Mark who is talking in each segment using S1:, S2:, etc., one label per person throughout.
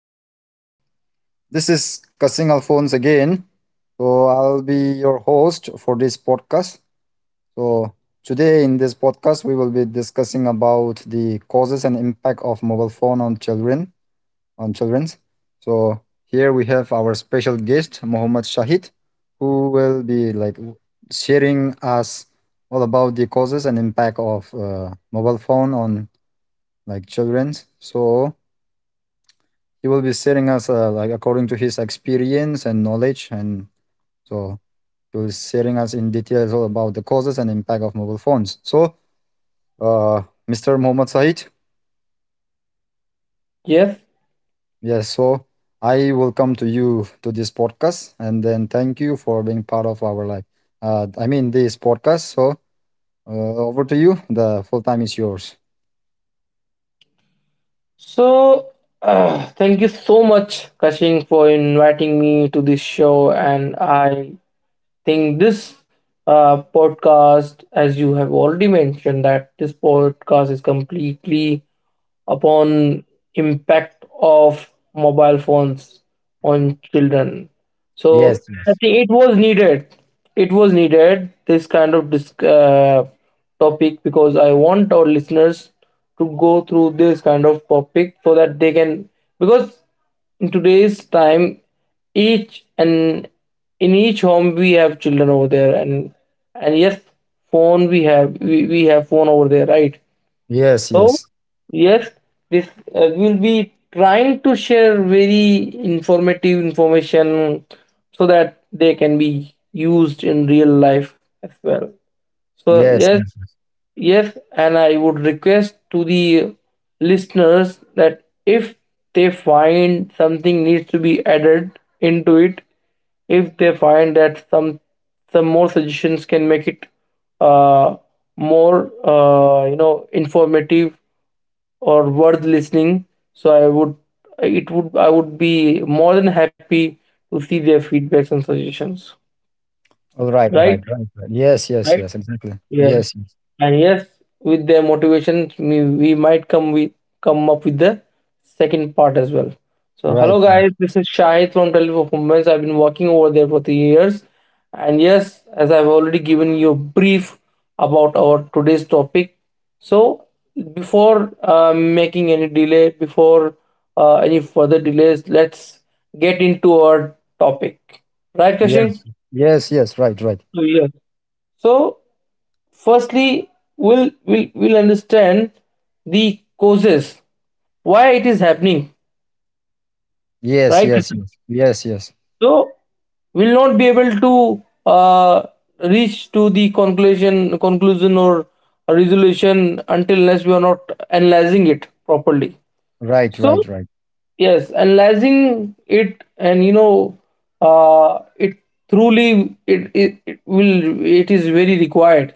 S1: everyone. This is Cussing Alphonse again. I'll be your host for this podcast. So, today in this podcast, we will be discussing about the causes and impact of mobile phone on children. On children's. So, here we have our special guest, Mohammad Shahid, who will be like sharing us all about the causes and impact of mobile phone on like children's. So, he will be sharing us like according to his experience and knowledge, and so he will be sharing us in details all about the causes and impact of mobile phones. Uh, Mr. Mohammad Said,
S2: Yes.
S1: yes, so I will come to you to this podcast, and then thank you for being part of our like I mean this podcast. Over to you, the full time is yours.
S2: So, thank you so much, Kashing, for inviting me to this show. And I think this podcast, as you have already mentioned, that this podcast is completely upon impact of mobile phones on children,
S1: Yes,
S2: so I
S1: yes,
S2: think it was needed. It was needed, this kind of topic, because I want our listeners to go through this kind of topic so that they can, because in today's time, each and in each home we have children over there, and yes, phone we have phone over there, right?
S1: yes,
S2: So,
S1: yes,
S2: yes, this we'll be trying to share very informative information so that they can be used in real life as well. So,
S1: yes,
S2: yes,
S1: yes. Yes.
S2: yes, and I would request to the listeners that if they find something needs to be added into it, if they find that some more suggestions can make it uh, more, you know, informative or worth listening. So I would, it would, I would be more than happy to see their feedbacks and suggestions.
S1: All right, all
S2: Right?
S1: right, right, right. Yes, yes,
S2: Right?
S1: yes, exactly,
S2: Yes.
S1: yes, yes.
S2: And yes, with their motivation, we might come up with the second part as well. So
S1: Right.
S2: hello guys, this is Shahid from Teleperformance. Performance. I've been working over there for three years. And yes, as I've already given you a brief about our today's topic. So before making any delay, before any further delays, let's get into our topic. Right, Kashing?
S1: Yes. Yes, yes, right, right.
S2: So, yes. So firstly we'll understand the causes why it is happening,
S1: Yes,
S2: right?
S1: yes, yes. Yes, yes.
S2: So we'll not be able to uh, reach to the conclusion or resolution until unless we are not analyzing it properly.
S1: Right,
S2: So
S1: right, right.
S2: yes, analyzing it, and you know, it truly it, it, it will it is very required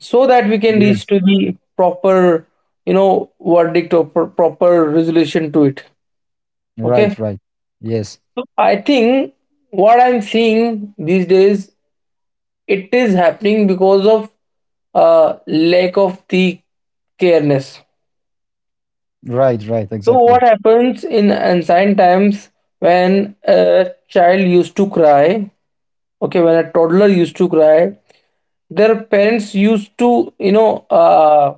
S2: so that we can
S1: Yes.
S2: reach to the proper, you know, verdict or proper resolution to it.
S1: Right,
S2: Okay.
S1: right. Yes.
S2: So I think what I'm seeing these days, it is happening because of lack of the careness.
S1: Right, right,
S2: So
S1: exactly.
S2: what happens in ancient times, when a child used to cry, okay, when a toddler used to cry, their parents used to, you know,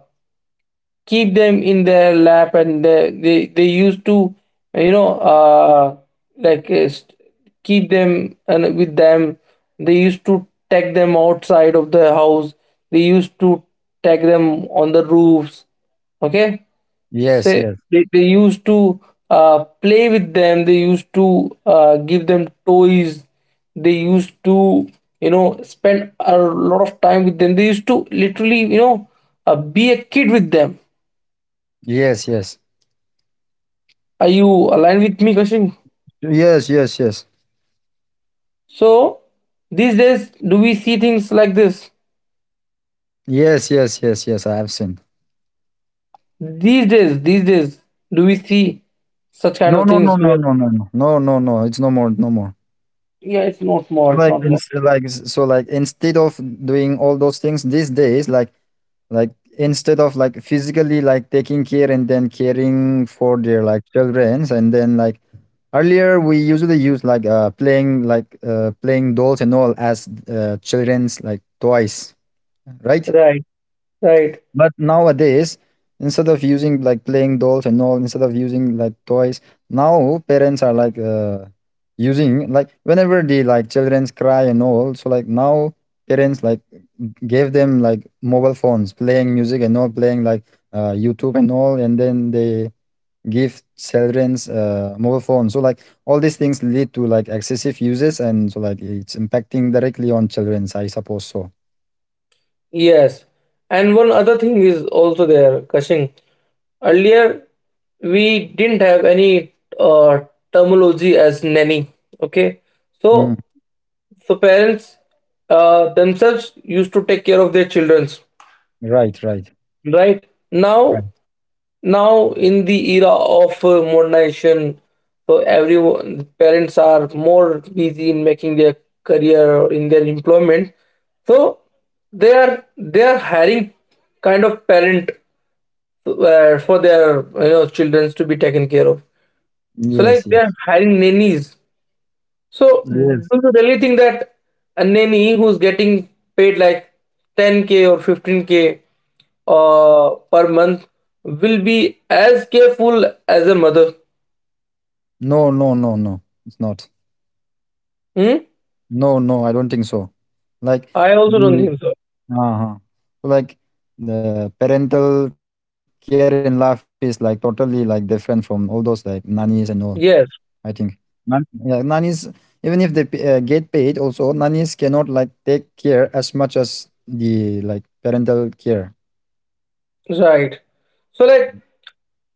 S2: keep them in their lap, and they used to, you know, like uh, st- keep them and with them, they used to take them outside of the house, they used to take them on the roofs, okay,
S1: Yes,
S2: say,
S1: yes.
S2: they used to play with them, they used to give them toys, they used to, you know, spend a lot of time with them, they used to literally, you know, be a kid with them.
S1: Yes, yes.
S2: Are you aligned with me, Kashin?
S1: Yes, yes, yes.
S2: So these days, do we see things like this?
S1: Yes, yes, yes, yes. I have seen.
S2: These days, do we see such kind
S1: No,
S2: of
S1: no,
S2: things?
S1: no, no,
S2: Where,
S1: no, no, no. No, no, no. It's no more, no more.
S2: yeah, it's not small.
S1: So
S2: It's
S1: like,
S2: not small.
S1: instead of doing all those things these days, like instead of like physically like taking care and then caring for their like childrens, and then like earlier we usually use like playing like playing dolls and all as children's like toys, right?
S2: Right, right.
S1: But nowadays, instead of using like playing dolls and all, instead of using like toys, now parents are like using like whenever the like childrens cry and all. So like now parents like gave them like mobile phones, playing music and all, playing like YouTube and all, and then they give childrens mobile phones. So like all these things lead to like excessive uses, and so like it's impacting directly on childrens. I suppose so.
S2: Yes. And one other thing is also there, Kashin. Earlier, we didn't have any uh, terminology as nanny. Okay.
S1: Mm,
S2: So, so parents themselves used to take care of their childrens.
S1: right, right,
S2: Right.
S1: right.
S2: Now, now in the era of modernization, so everyone, parents are more busy in making their career or in their employment, so they are hiring kind of parent, so, for their, you know, children to be taken care of, so like
S1: Yes,
S2: they are
S1: yes.
S2: hiring nannies. So do
S1: Yes.
S2: you really think that a nanny who's getting paid like 10k or 15k per month will be as careful as a mother?
S1: No, no, no, no. It's not.
S2: Hmm?
S1: No, no, I don't think so. Like
S2: I also don't
S1: the
S2: think so.
S1: uh-huh. Like the parental care in life is like totally like different from all those like nannies and all. I think.
S2: Yes,
S1: Yeah, nannies even if they get paid also nannies cannot like take care as much as the like parental care.
S2: right. So, like,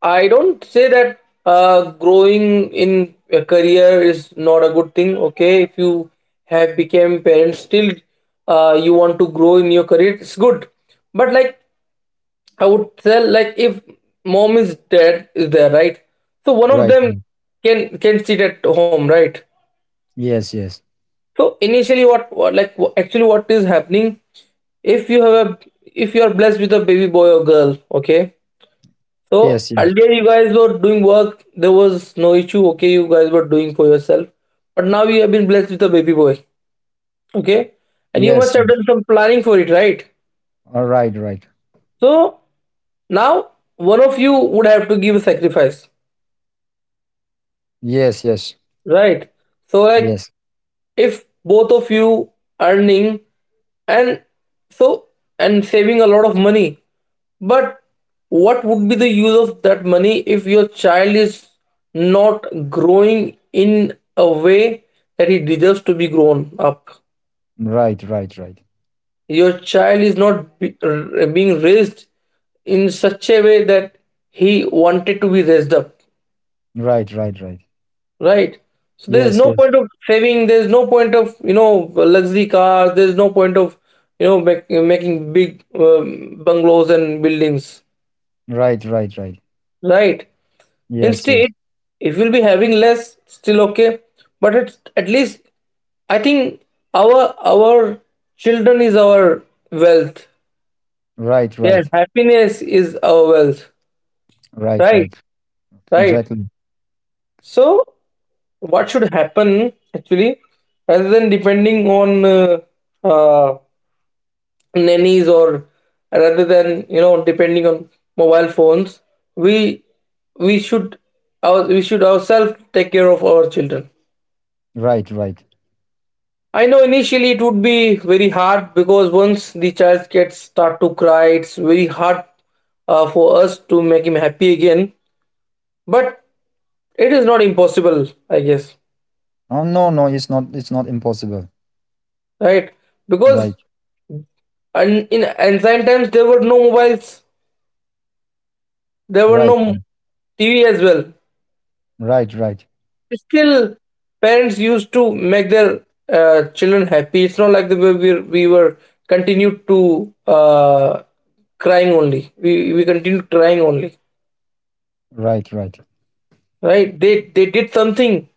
S2: I don't say that growing in a career is not a good thing. Okay, if you have become parents, still you want to grow in your career, it's good. But like, I would tell, like, if mom is, dad is there, right? So one of
S1: Right,
S2: them
S1: right.
S2: can sit at home, right?
S1: Yes, yes.
S2: So initially, what like actually what is happening? If you have a if you are blessed with a baby boy or girl, okay.
S1: Yes,
S2: So
S1: yes.
S2: earlier you guys were doing work, there was no issue. Okay, you guys were doing for yourself, but now you have been blessed with a baby boy, okay, and you
S1: Yes,
S2: must have
S1: yes.
S2: done some planning for it, right?
S1: All right, right.
S2: So now one of you would have to give a sacrifice,
S1: Yes, yes.
S2: right? So
S1: Yes.
S2: like if both of you earning and, so, and saving a lot of money, but what would be the use of that money if your child is not growing in a way that he deserves to be grown up,
S1: Right, right, right.
S2: your child is not be, r- being raised in such a way that he wanted to be raised up.
S1: Right, right, right.
S2: Right. So there's
S1: Yes,
S2: no
S1: yes.
S2: point of saving. There's no point of, you know, luxury cars. There's no point of, you know, making big bungalows and buildings.
S1: Right, right, right.
S2: Right.
S1: Yes, yes.
S2: Instead, if we'll be having less, still okay. But it's at least, I think, our children is our wealth.
S1: Right,
S2: Their
S1: right.
S2: happiness is our wealth.
S1: Right,
S2: Right.
S1: right.
S2: Right.
S1: Exactly.
S2: So what should happen actually, rather than depending on uh, nannies, or rather than, you know, depending on mobile phones, we we should, our, we should ourselves take care of our children.
S1: Right, right.
S2: I know initially it would be very hard because once the child gets start to cry, it's very hard for us to make him happy again, but it is not impossible, I guess.
S1: Oh no, no, it's not, it's not impossible.
S2: Right, because,
S1: Right.
S2: and in ancient times, there were no mobiles, there were
S1: Right.
S2: no TV as well.
S1: Right, right.
S2: Still, parents used to make their children happy. It's not like the way we were continued to crying only. We continued crying only,
S1: Right, right.
S2: right? They did something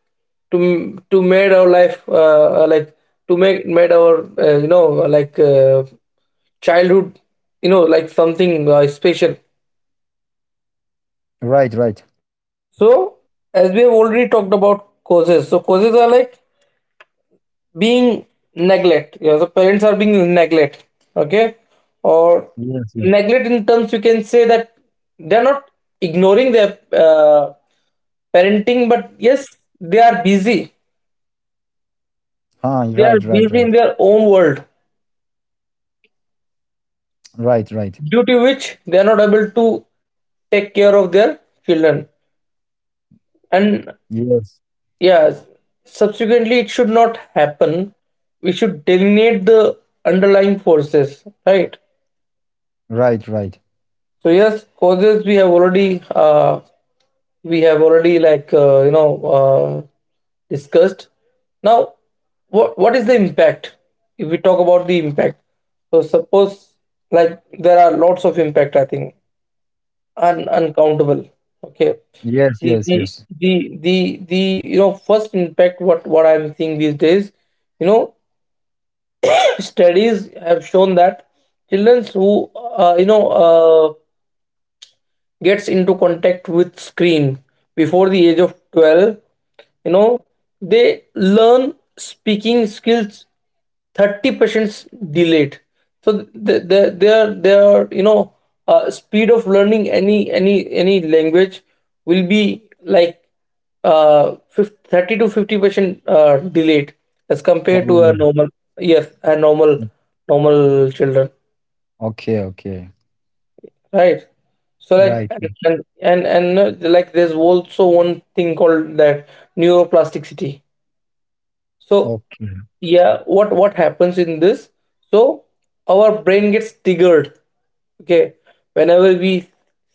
S2: to made our life like to make made our, you know, like childhood, you know, like something special.
S1: Right, right, right.
S2: So, as we have already talked about causes, so causes are like being neglect. Yeah, so parents are being neglect, okay,
S1: Yes, yes.
S2: or neglect in terms, you can say, that they are not ignoring their parenting, but yes, they are busy.
S1: Ah, right,
S2: They
S1: right,
S2: are
S1: right.
S2: busy in their own world,
S1: Right, right.
S2: due to which they are not able to take care of their children. And
S1: Yes.
S2: yeah, subsequently it should not happen, we should delineate the underlying forces, right?
S1: Right, right.
S2: So yes, causes we have already, we have already, like, you know uh, discussed. Now, what is the impact? If we talk about the impact, so suppose, like, there are lots of impact, I think, uncountable. Okay.
S1: Yes,
S2: The,
S1: yes,
S2: the
S1: yes.
S2: the you know, first impact, what I'm seeing these days, you know, studies have shown that children who, you know, gets into contact with screen before the age of 12, you know, they learn speaking skills 30% delayed. So their you know, speed of learning any language will be like, 50, 30 to 50% delayed as compared
S1: Oh,
S2: to a
S1: yeah.
S2: normal, yes, a normal, normal children.
S1: Okay, okay.
S2: Right. So like,
S1: Right.
S2: and like there's also one thing called that, neuroplasticity. So
S1: Okay.
S2: yeah, what happens in this? So our brain gets triggered. Okay, whenever we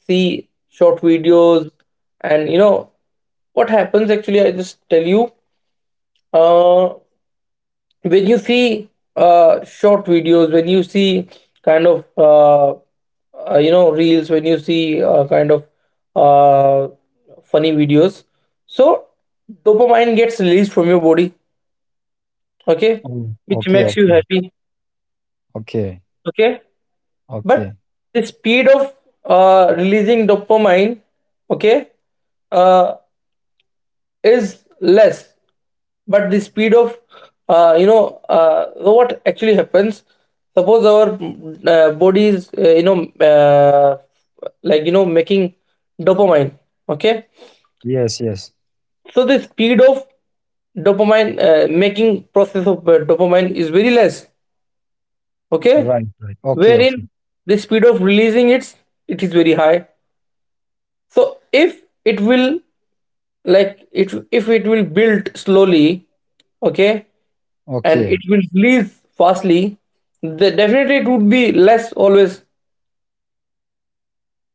S2: see short videos, and, you know, what happens actually, I just tell you. Uh, when you see short videos, when you see kind of you know, reels, when you see kind of uh, funny videos, so dopamine gets released from your body, okay,
S1: Oh,
S2: which
S1: okay,
S2: makes you
S1: okay.
S2: happy,
S1: Okay.
S2: okay. But
S1: Okay.
S2: the speed of releasing dopamine, okay, uh, is less, but the speed of so what actually happens, suppose our body is, you know, like, you know, making dopamine, okay,
S1: Yes, yes.
S2: so the speed of dopamine, making process of dopamine is very less, okay,
S1: Right, right. Okay,
S2: wherein
S1: okay.
S2: the speed of releasing it's, it is very high. So if it will, like, it, if it will build slowly, okay, and it
S1: Okay.
S2: will release fastly, the definitely it would be less always,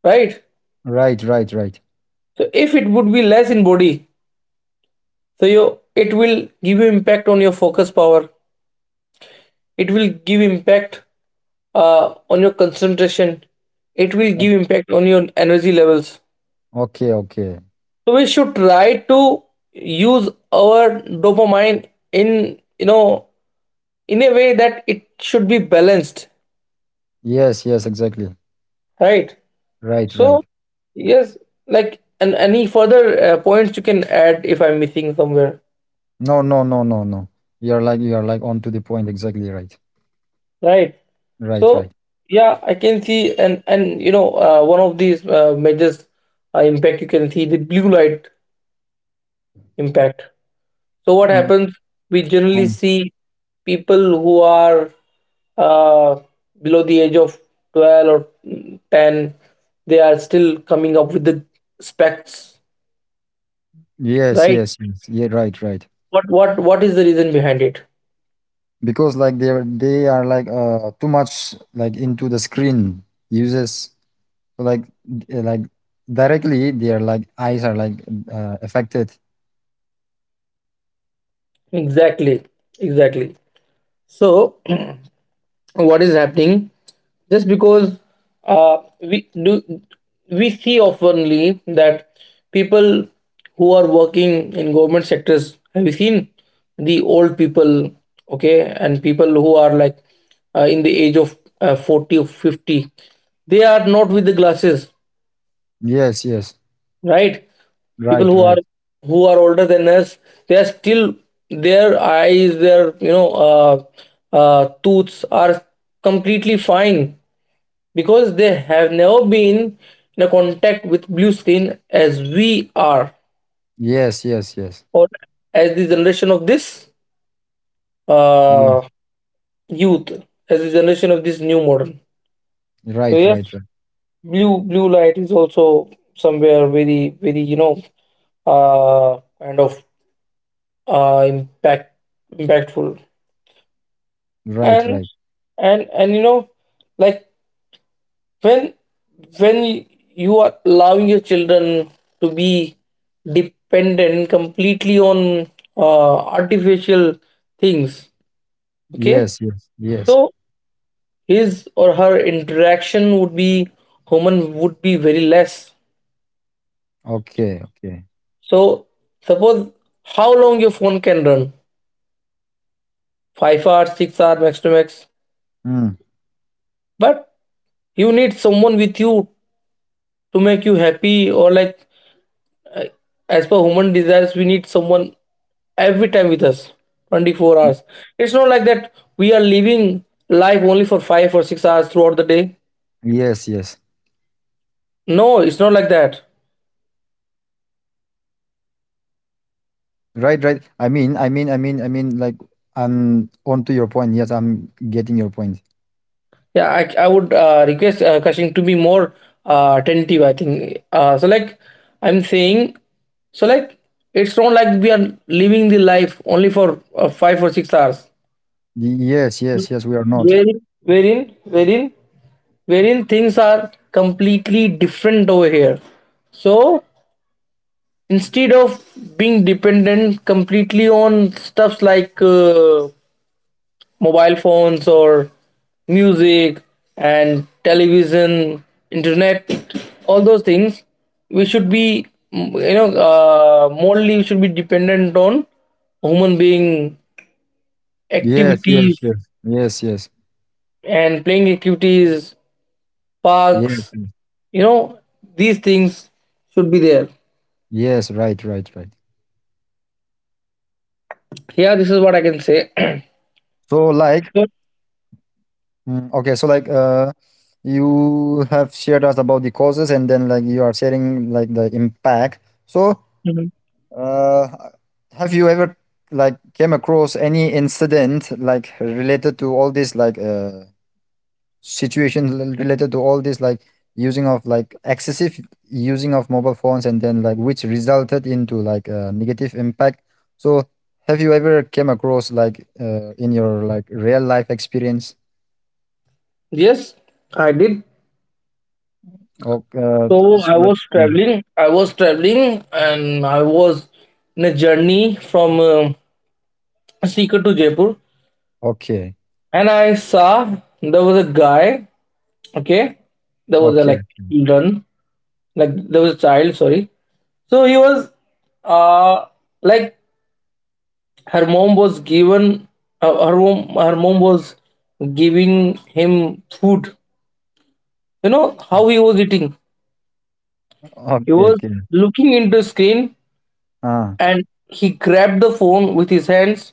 S2: right?
S1: Right, right, right.
S2: So if it would be less in body, so your, it will give you impact on your focus power. It will give impact on your concentration. It will give
S1: O-
S2: impact on your energy levels.
S1: Okay, okay.
S2: So we should try to use our dopamine in, you know, in a way that it should be balanced,
S1: Yes, yes, exactly.
S2: right?
S1: Right,
S2: So
S1: right.
S2: yes, like, and any further points you can add if I'm missing somewhere,
S1: No, no, no, no, no. You're like on to the point. Exactly right.
S2: right?
S1: Right,
S2: So
S1: right.
S2: yeah, I can see, and, you know, one of these measures impact, you can see the blue light impact. So what
S1: Uh,
S2: happens? We generally
S1: um,
S2: see people who are uh, below the age of 12 or 10, they are still coming up with the specs,
S1: yes,
S2: right?
S1: yes, yes. Yeah, right, right.
S2: What what is the reason behind it?
S1: Because like they are like too much like into the screen uses, like like directly their like eyes are like affected.
S2: Exactly, exactly. So, what is happening? Just because we do, we see oftenly that people who are working in government sectors, have you seen the old people? Okay, and people who are like in the age of 40 or 50, they are not with the glasses,
S1: Yes, yes.
S2: right? People
S1: Right,
S2: who are
S1: right.
S2: older than us, they are still, their eyes, their tooths are completely fine because they have never been in a contact with blue skin as we are,
S1: Yes, yes, yes.
S2: or as the generation of this uh,
S1: Yes.
S2: youth, as the generation of this new modern. So
S1: Right,
S2: yes,
S1: right, right.
S2: blue light is also somewhere very very kind of impact impactful.
S1: Right,
S2: and
S1: right.
S2: and and you know, like, when when you are allowing your children to be dependent completely on artificial things, okay,
S1: Yes, yes, yes.
S2: so his or her interaction would be, human would be very less.
S1: Okay, okay.
S2: So suppose, how long your phone can run? 5 hours, 6 hours max to max.
S1: Mm.
S2: But you need someone with you to make you happy, or like uh, as per human desires we need someone every time with us, 24 hours. It's not like that we are living life only for 5 or 6 hours throughout the day.
S1: Yes, yes.
S2: No, it's not like that.
S1: Right, right. I mean, I mean, I mean, I mean, like, I'm on to your point. Yes, I'm getting your point.
S2: Yeah, I would request Kashin to be more attentive, I think. So, like, I'm saying, so like, it's not like we are living the life only for 5 or 6 hours.
S1: Yes, yes, yes. We are not.
S2: Wherein wherein wherein wherein things are completely different over here. So instead of being dependent completely on stuffs like mobile phones or music and television, internet, all those things, we should be, you know, morally we should be dependent on human being
S1: Yes, yes,
S2: activities,
S1: yes, yes, yes,
S2: and playing activities,
S1: yes,
S2: parks,
S1: yes.
S2: you know, these things should be there.
S1: Yes, right, right, right.
S2: Yeah, this is what I can say.
S1: So, like,
S2: So,
S1: mm, okay, so like, you have shared us about the causes, and then like you are sharing like the impact. So, Uh, have you ever like came across any incident like related to all this like situation related to all this like using of like excessive using of mobile phones, and then like which resulted into like a negative impact? So have you ever came across like in your like real life experience?
S2: yes, I did.
S1: Or
S2: So I
S1: so that—
S2: was
S1: Mm.
S2: traveling, and I was in a journey from Sikar to Jaipur,
S1: Okay,
S2: and I saw there was a guy, okay, there was a like,
S1: okay,
S2: children, like there was a child, sorry. So he was, uh like, her mom was given, her mom was giving him food. You know how he was eating? He
S1: okay,
S2: was
S1: okay.
S2: looking into screen,
S1: Ah,
S2: and he grabbed the phone with his hands,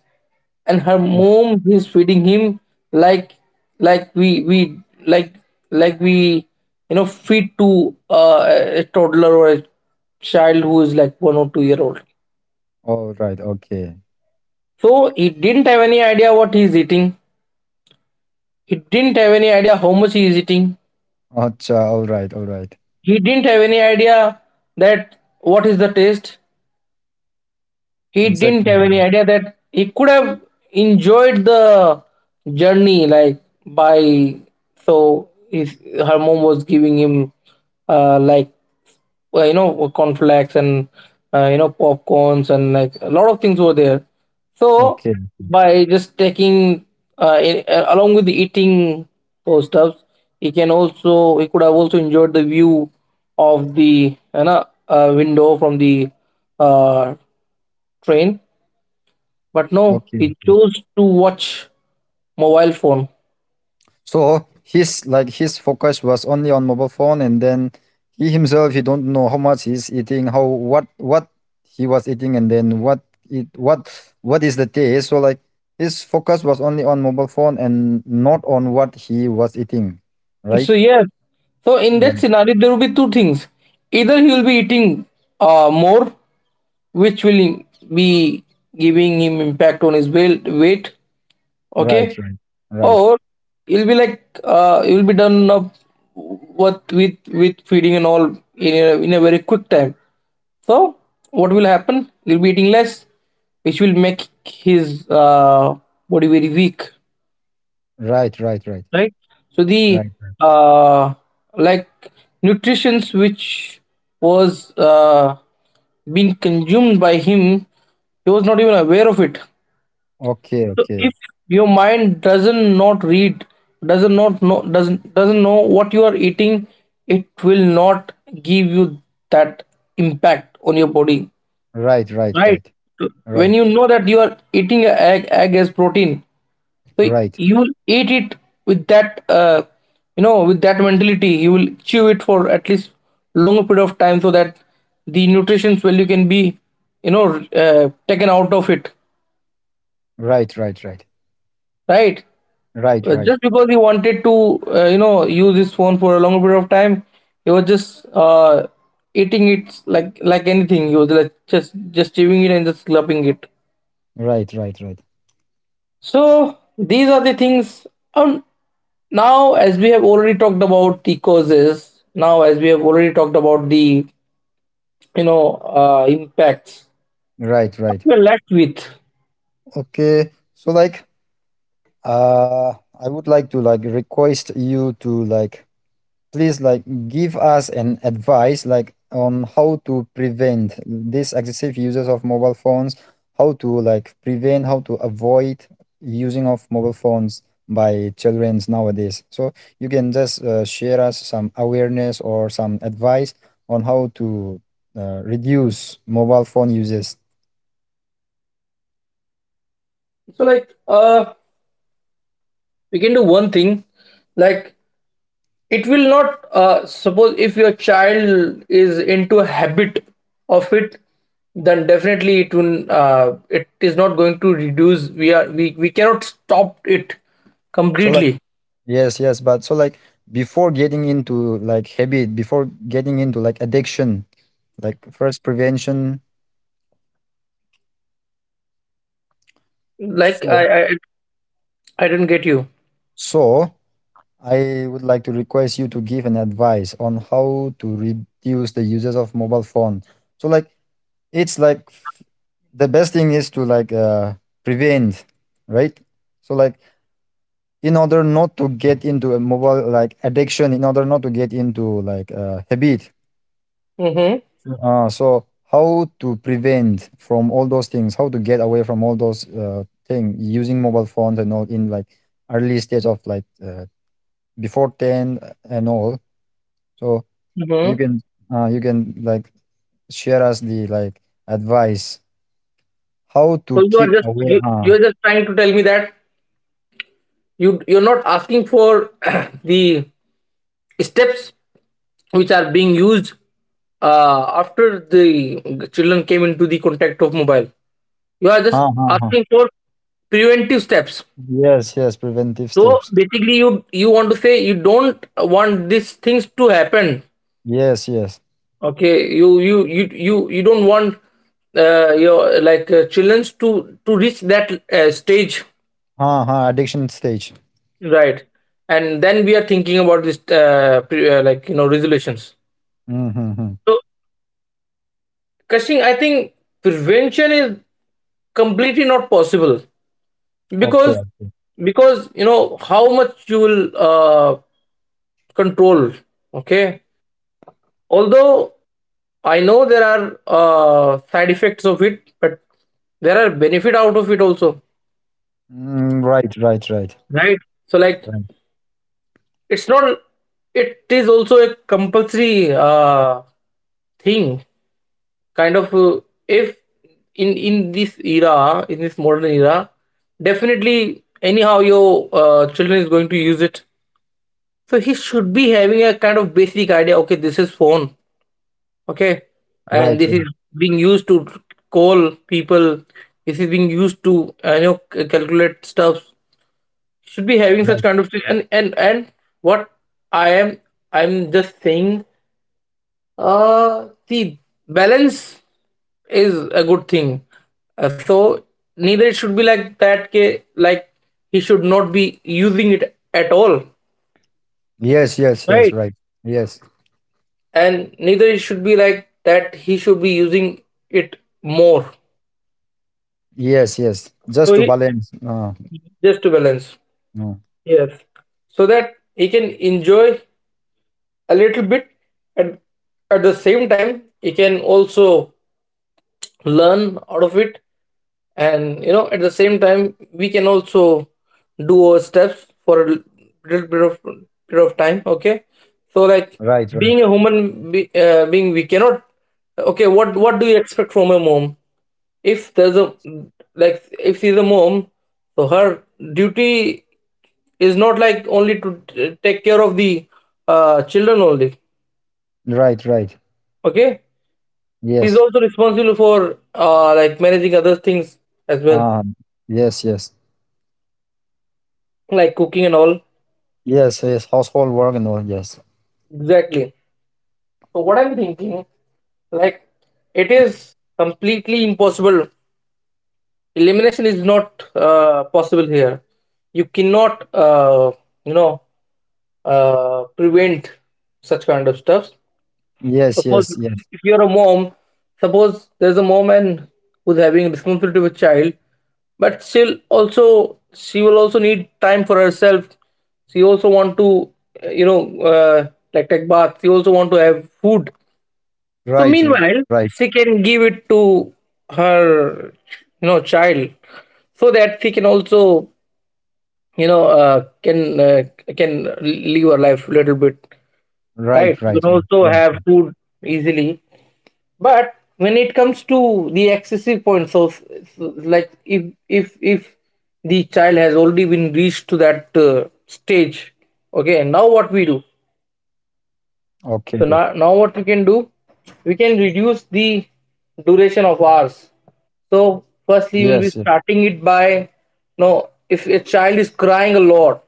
S2: and her
S1: o-
S2: mom is feeding him, like, like we, like like we, you know, feed to uh, a toddler or a child who is like 1 or 2 year old.
S1: all right, okay.
S2: So he didn't have any idea what he is eating, he didn't have any idea how much he is eating.
S1: Acha, all right, all right.
S2: He didn't have any idea that what is the taste, he didn't
S1: Exactly.
S2: have any idea that he could have enjoyed the journey, like, by, so his, her mom was giving him like you know, cornflakes and you know, popcorns, and like a lot of things were there. So
S1: Okay.
S2: by just taking in, along with the eating those stuffs, he could have also enjoyed the view of the, you know, window from the uh, train. But no,
S1: Okay.
S2: he
S1: Okay.
S2: chose to watch mobile phone.
S1: So his like his focus was only on mobile phone, and then he himself he don't know how much he's eating, how what he was eating, and then what it what is the taste. So like his focus was only on mobile phone and not on what he was eating,
S2: So
S1: right?
S2: yes, so in that
S1: Right.
S2: scenario, there will be two things. Either he will be eating more, which will be giving him impact on his weight,
S1: Right.
S2: okay,
S1: Right.
S2: or he'll be like he'll be done up what, with feeding and all, in a very quick time. So what will happen? He'll be eating less, which will make his body very weak.
S1: Right. Right. Right. Right.
S2: Right, so the
S1: Right.
S2: uh like nutritions which was being consumed by him, he was not even aware of it.
S1: Okay.
S2: So
S1: Okay.
S2: if your mind doesn't not read doesn't not know doesn't know what you are eating, it will not give you that impact on your body,
S1: Right. Right.
S2: right?
S1: Right.
S2: So
S1: Right.
S2: when you know that you are eating a egg as protein, so
S1: Right.
S2: you will eat it with that, you know, with that mentality. You will chew it for at least longer period of time, so that the nutrition value can be, you know, taken out of it,
S1: Right. Right.
S2: right?
S1: Right. Right. Right. Right.
S2: Just because he wanted to you know, use his phone for a longer period of time, he was just uh, eating it like anything. He was like just, chewing it and just slurping it.
S1: Right. Right, right.
S2: So these are the things. Um, Now, as we have already talked about the causes, now as we have already talked about the, you know, impacts,
S1: Right, right.
S2: we're left with.
S1: Okay. So like uh I would like to like request you to like please like give us an advice like on how to prevent this excessive users of mobile phones, how to like prevent, how to avoid using of mobile phones by children nowadays. So you can just share us some awareness or some advice on how to reduce mobile phone uses.
S2: So like, we can do one thing, like, it will not suppose if your child is into a habit of it, then definitely it will it is not going to reduce. We are we cannot stop it
S1: So like
S2: completely.
S1: yes, yes, but so like before getting into like habit, before getting into like addiction, like first prevention.
S2: Like,
S1: So,
S2: I, I don't get you.
S1: so I would like to request you to give an advice on how to reduce the uses of mobile phone. So like it's like the best thing is to like prevent, right? So like in order not to get into a mobile like addiction, in order not to get into like habit,
S2: Mm-hmm.
S1: So how to prevent from all those things? How to get away from all those things using mobile phones and all in like early stage of like before ten and all. So
S2: Mm-hmm.
S1: you can you can like share us the like advice how to
S2: So you are
S1: keep
S2: just,
S1: away.
S2: you are just trying to tell me that you're not asking for the steps which are being used after the children came into the contact of mobile. You are just
S1: Huh, huh, huh.
S2: asking for preventive steps.
S1: Yes, yes, preventive
S2: So
S1: steps.
S2: basically, you want to say you don't want these things to happen.
S1: Yes, yes.
S2: Okay, you don't want your like children to reach that stage.
S1: Huh, huh, addiction stage.
S2: Right. And then we are thinking about this, like, you know, resolutions.
S1: Mm-hmm, hmm.
S2: So, Kashing, I think prevention is completely not possible
S1: Okay.
S2: because, because, you know, how much you will control. Okay. Although I know there are side effects of it, but there are benefit out of it also.
S1: Mm, right, right, right,
S2: Right. So, like,
S1: right,
S2: it's not, it is also a compulsory thing, kind of, if, in this era, in this modern era, definitely anyhow your children is going to use it. So he should be having a kind of basic idea, okay, this is phone, okay, and
S1: right,
S2: this
S1: right,
S2: is being used to call people, this is being used to you know, calculate stuff. Should be having such
S1: right.
S2: kind of thing. And what I am, I'm just saying, the balance is a good thing. So neither it should be like that, ke, like, he should not be using it at all,
S1: Yes, yes, yes,
S2: right,
S1: right. Yes,
S2: and neither it should be like that he should be using it more.
S1: yes, yes.
S2: So
S1: Just to
S2: he,
S1: balance.
S2: just to balance.
S1: Uh,
S2: Yes. So that he can enjoy a little bit, and at the same time he can also learn out of it, and you know, at the same time we can also do our steps for a little bit of period of time, okay? So like,
S1: right, right,
S2: being a being, we cannot, okay, what do you expect from a mom, if there's a like, if she's a mom, so her duty is not like only to take care of the children only,
S1: right, right.
S2: okay. She's
S1: Yes.
S2: also responsible for like, managing other things as well,
S1: Uh, yes, yes,
S2: like cooking and all.
S1: yes, yes. Household work and all. Yes,
S2: Exactly. So what I'm thinking, like, it is completely impossible. Elimination is not possible here. You cannot, you know, prevent such kind of stuff.
S1: yes,
S2: Suppose
S1: yes, yes.
S2: if you're a mom, suppose there's a mom and who's having responsibility with child, but still also she will also need time for herself. She also want to, you know, like take bath. She also want to have food. So
S1: Right, right,
S2: meanwhile, she can give it to her, you know, child, so that she can also, you know, can live her life a little bit, right?
S1: right,
S2: She
S1: right,
S2: can
S1: right,
S2: also
S1: right,
S2: have
S1: right.
S2: food easily. But when it comes to the excessive point, so, so like, if if the child has already been reached to that stage, okay, now what we do?
S1: Okay, okay.
S2: So now, now what we can do? We can reduce the duration of hours. So
S1: Yes, yes.
S2: firstly, we'll be starting it by, no, if a child is crying a lot,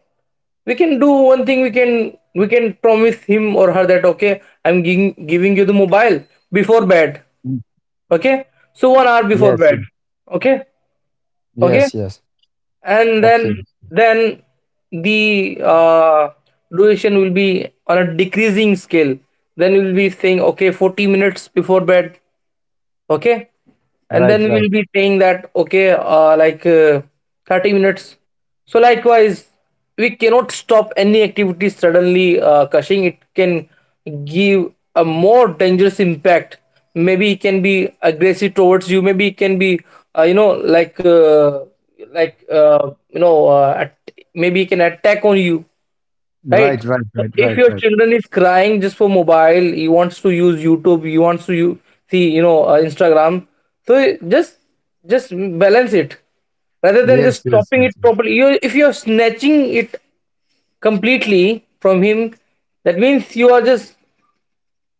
S2: we can do one thing. We can promise him or her that, okay, I'm giving you the mobile before bed.
S1: Mm,
S2: Okay, so 1 hour
S1: yes,
S2: before
S1: yes,
S2: bed. Okay.
S1: yes,
S2: Okay,
S1: yes.
S2: and then
S1: Okay.
S2: then the duration will be on a decreasing scale. Then you'll be saying, okay, 40 minutes before bed, okay, and
S1: Right,
S2: then
S1: right,
S2: we'll be saying that, okay, 30 minutes. So likewise, we cannot stop any activity suddenly, Cushing. It can give a more dangerous impact. Maybe it can be aggressive towards you, maybe it can be you know like you know at- maybe it can attack on you,
S1: right,
S2: right?
S1: right,
S2: So
S1: right,
S2: if
S1: right,
S2: your
S1: right.
S2: children is crying just for mobile, he wants to use YouTube, he wants to see, you know, Instagram, so just, just balance it rather than
S1: Yes,
S2: just
S1: yes,
S2: stopping it
S1: yes, yes.
S2: properly. You, if you're snatching it completely from him, that means you are just,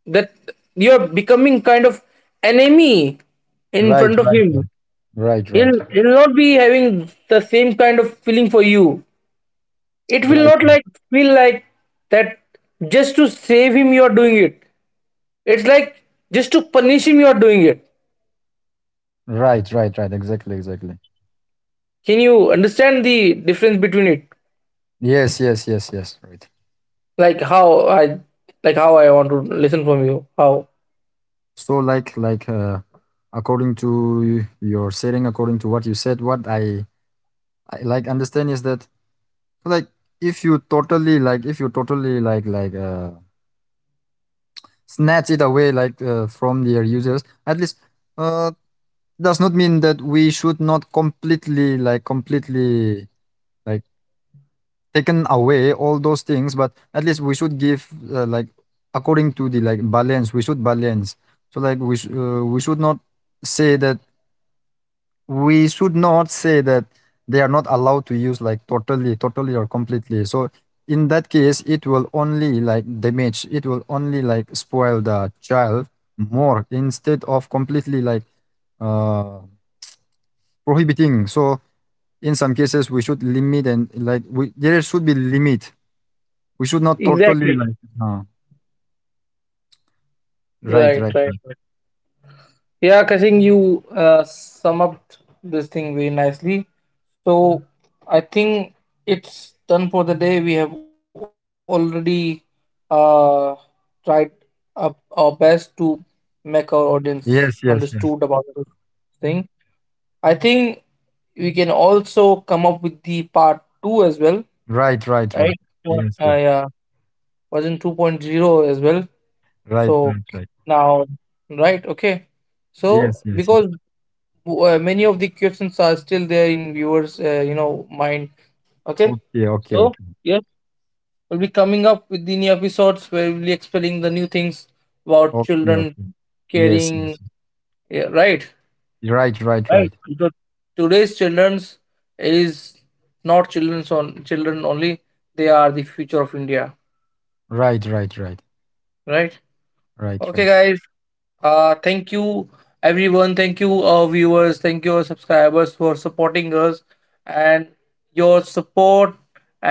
S2: that, you're becoming kind of enemy in
S1: Right,
S2: front of
S1: right,
S2: him.
S1: right, right, right,
S2: He'll not be having the same kind of feeling for you. It will
S1: right,
S2: not like feel like that, just to save him you are doing it. It's like just to punish him you are doing it.
S1: right, right, right, right, exactly, exactly.
S2: Can you understand the difference between it?
S1: Yes, yes, yes, yes. Right.
S2: like how i how I want to listen from you. How
S1: So like according to your setting, according to what you said, what I like understand is that like if you totally like if you totally snatch it away like from their users, at least uh does not mean that we should not completely like completely like taken away all those things, but at least we should give like according to the like balance we should balance. So like we should not say that we should not say that they are not allowed to use like totally totally or completely. So in that case it will only like damage, it will only like spoil the child more instead of completely like uh prohibiting. So in some cases we should limit, and like we there should be limit. We should not totally
S2: exactly.
S1: like. Uh, right,
S2: Right,
S1: right,
S2: right.
S1: right.
S2: Yeah, Kashing, you sum up this thing very nicely. So I think it's done for the day. We have already uh, tried up our best to make our
S1: Yes,
S2: audience
S1: yes, yes.
S2: understood about this thing. I think we can also come up with the part two as well,
S1: Right, right, right.
S2: right?
S1: Yes,
S2: Sure.
S1: yes.
S2: Yeah, version two point zero as well.
S1: Right,
S2: So
S1: right, right.
S2: now, right? Okay.
S1: Yes,
S2: So
S1: yes, yes.
S2: because, many of the questions are still there in viewers, you know, mind, okay.
S1: Okay, okay,
S2: So
S1: okay.
S2: yes, we'll be coming up with the new episodes where we'll be explaining the new things about
S1: Okay,
S2: children
S1: okay. Yes,
S2: caring.
S1: yes, yes.
S2: Yeah, right,
S1: Right, right,
S2: right.
S1: right.
S2: Because today's children's is not children's on children only, they are the future of India,
S1: Right, right, right.
S2: right?
S1: Right,
S2: Okay,
S1: right.
S2: guys. Thank you, everyone. Thank you, our viewers. Thank you, our subscribers, for supporting us. And your support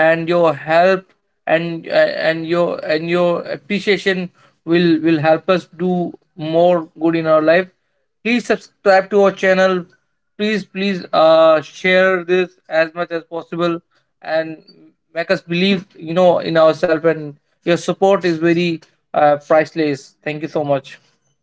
S2: and your help, and uh, and your, and your appreciation, will help us do more good in our life. Please subscribe to our channel. Please, please, share this as much as possible, and make us believe, you know, in ourselves. And your support is very priceless. Thank you so much.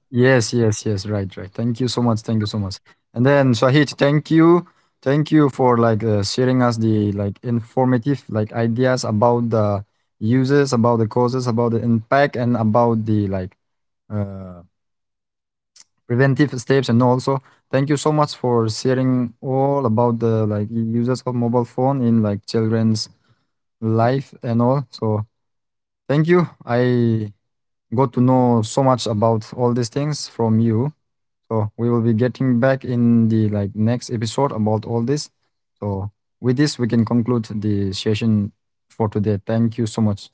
S1: Yes, yes, yes. Right, right. Thank you so much. Thank you so much. And then Shahid, thank you. Thank you for like sharing us the like informative like ideas about the uses, about the causes, about the impact, and about the like uh preventive steps, and also thank you so much for sharing all about the like uses of mobile phone in like children's life and all. So thank you, I got to know so much about all these things from you. So we will be getting back in the like next episode about all this. So with this we can conclude the session for today. Thank you so much.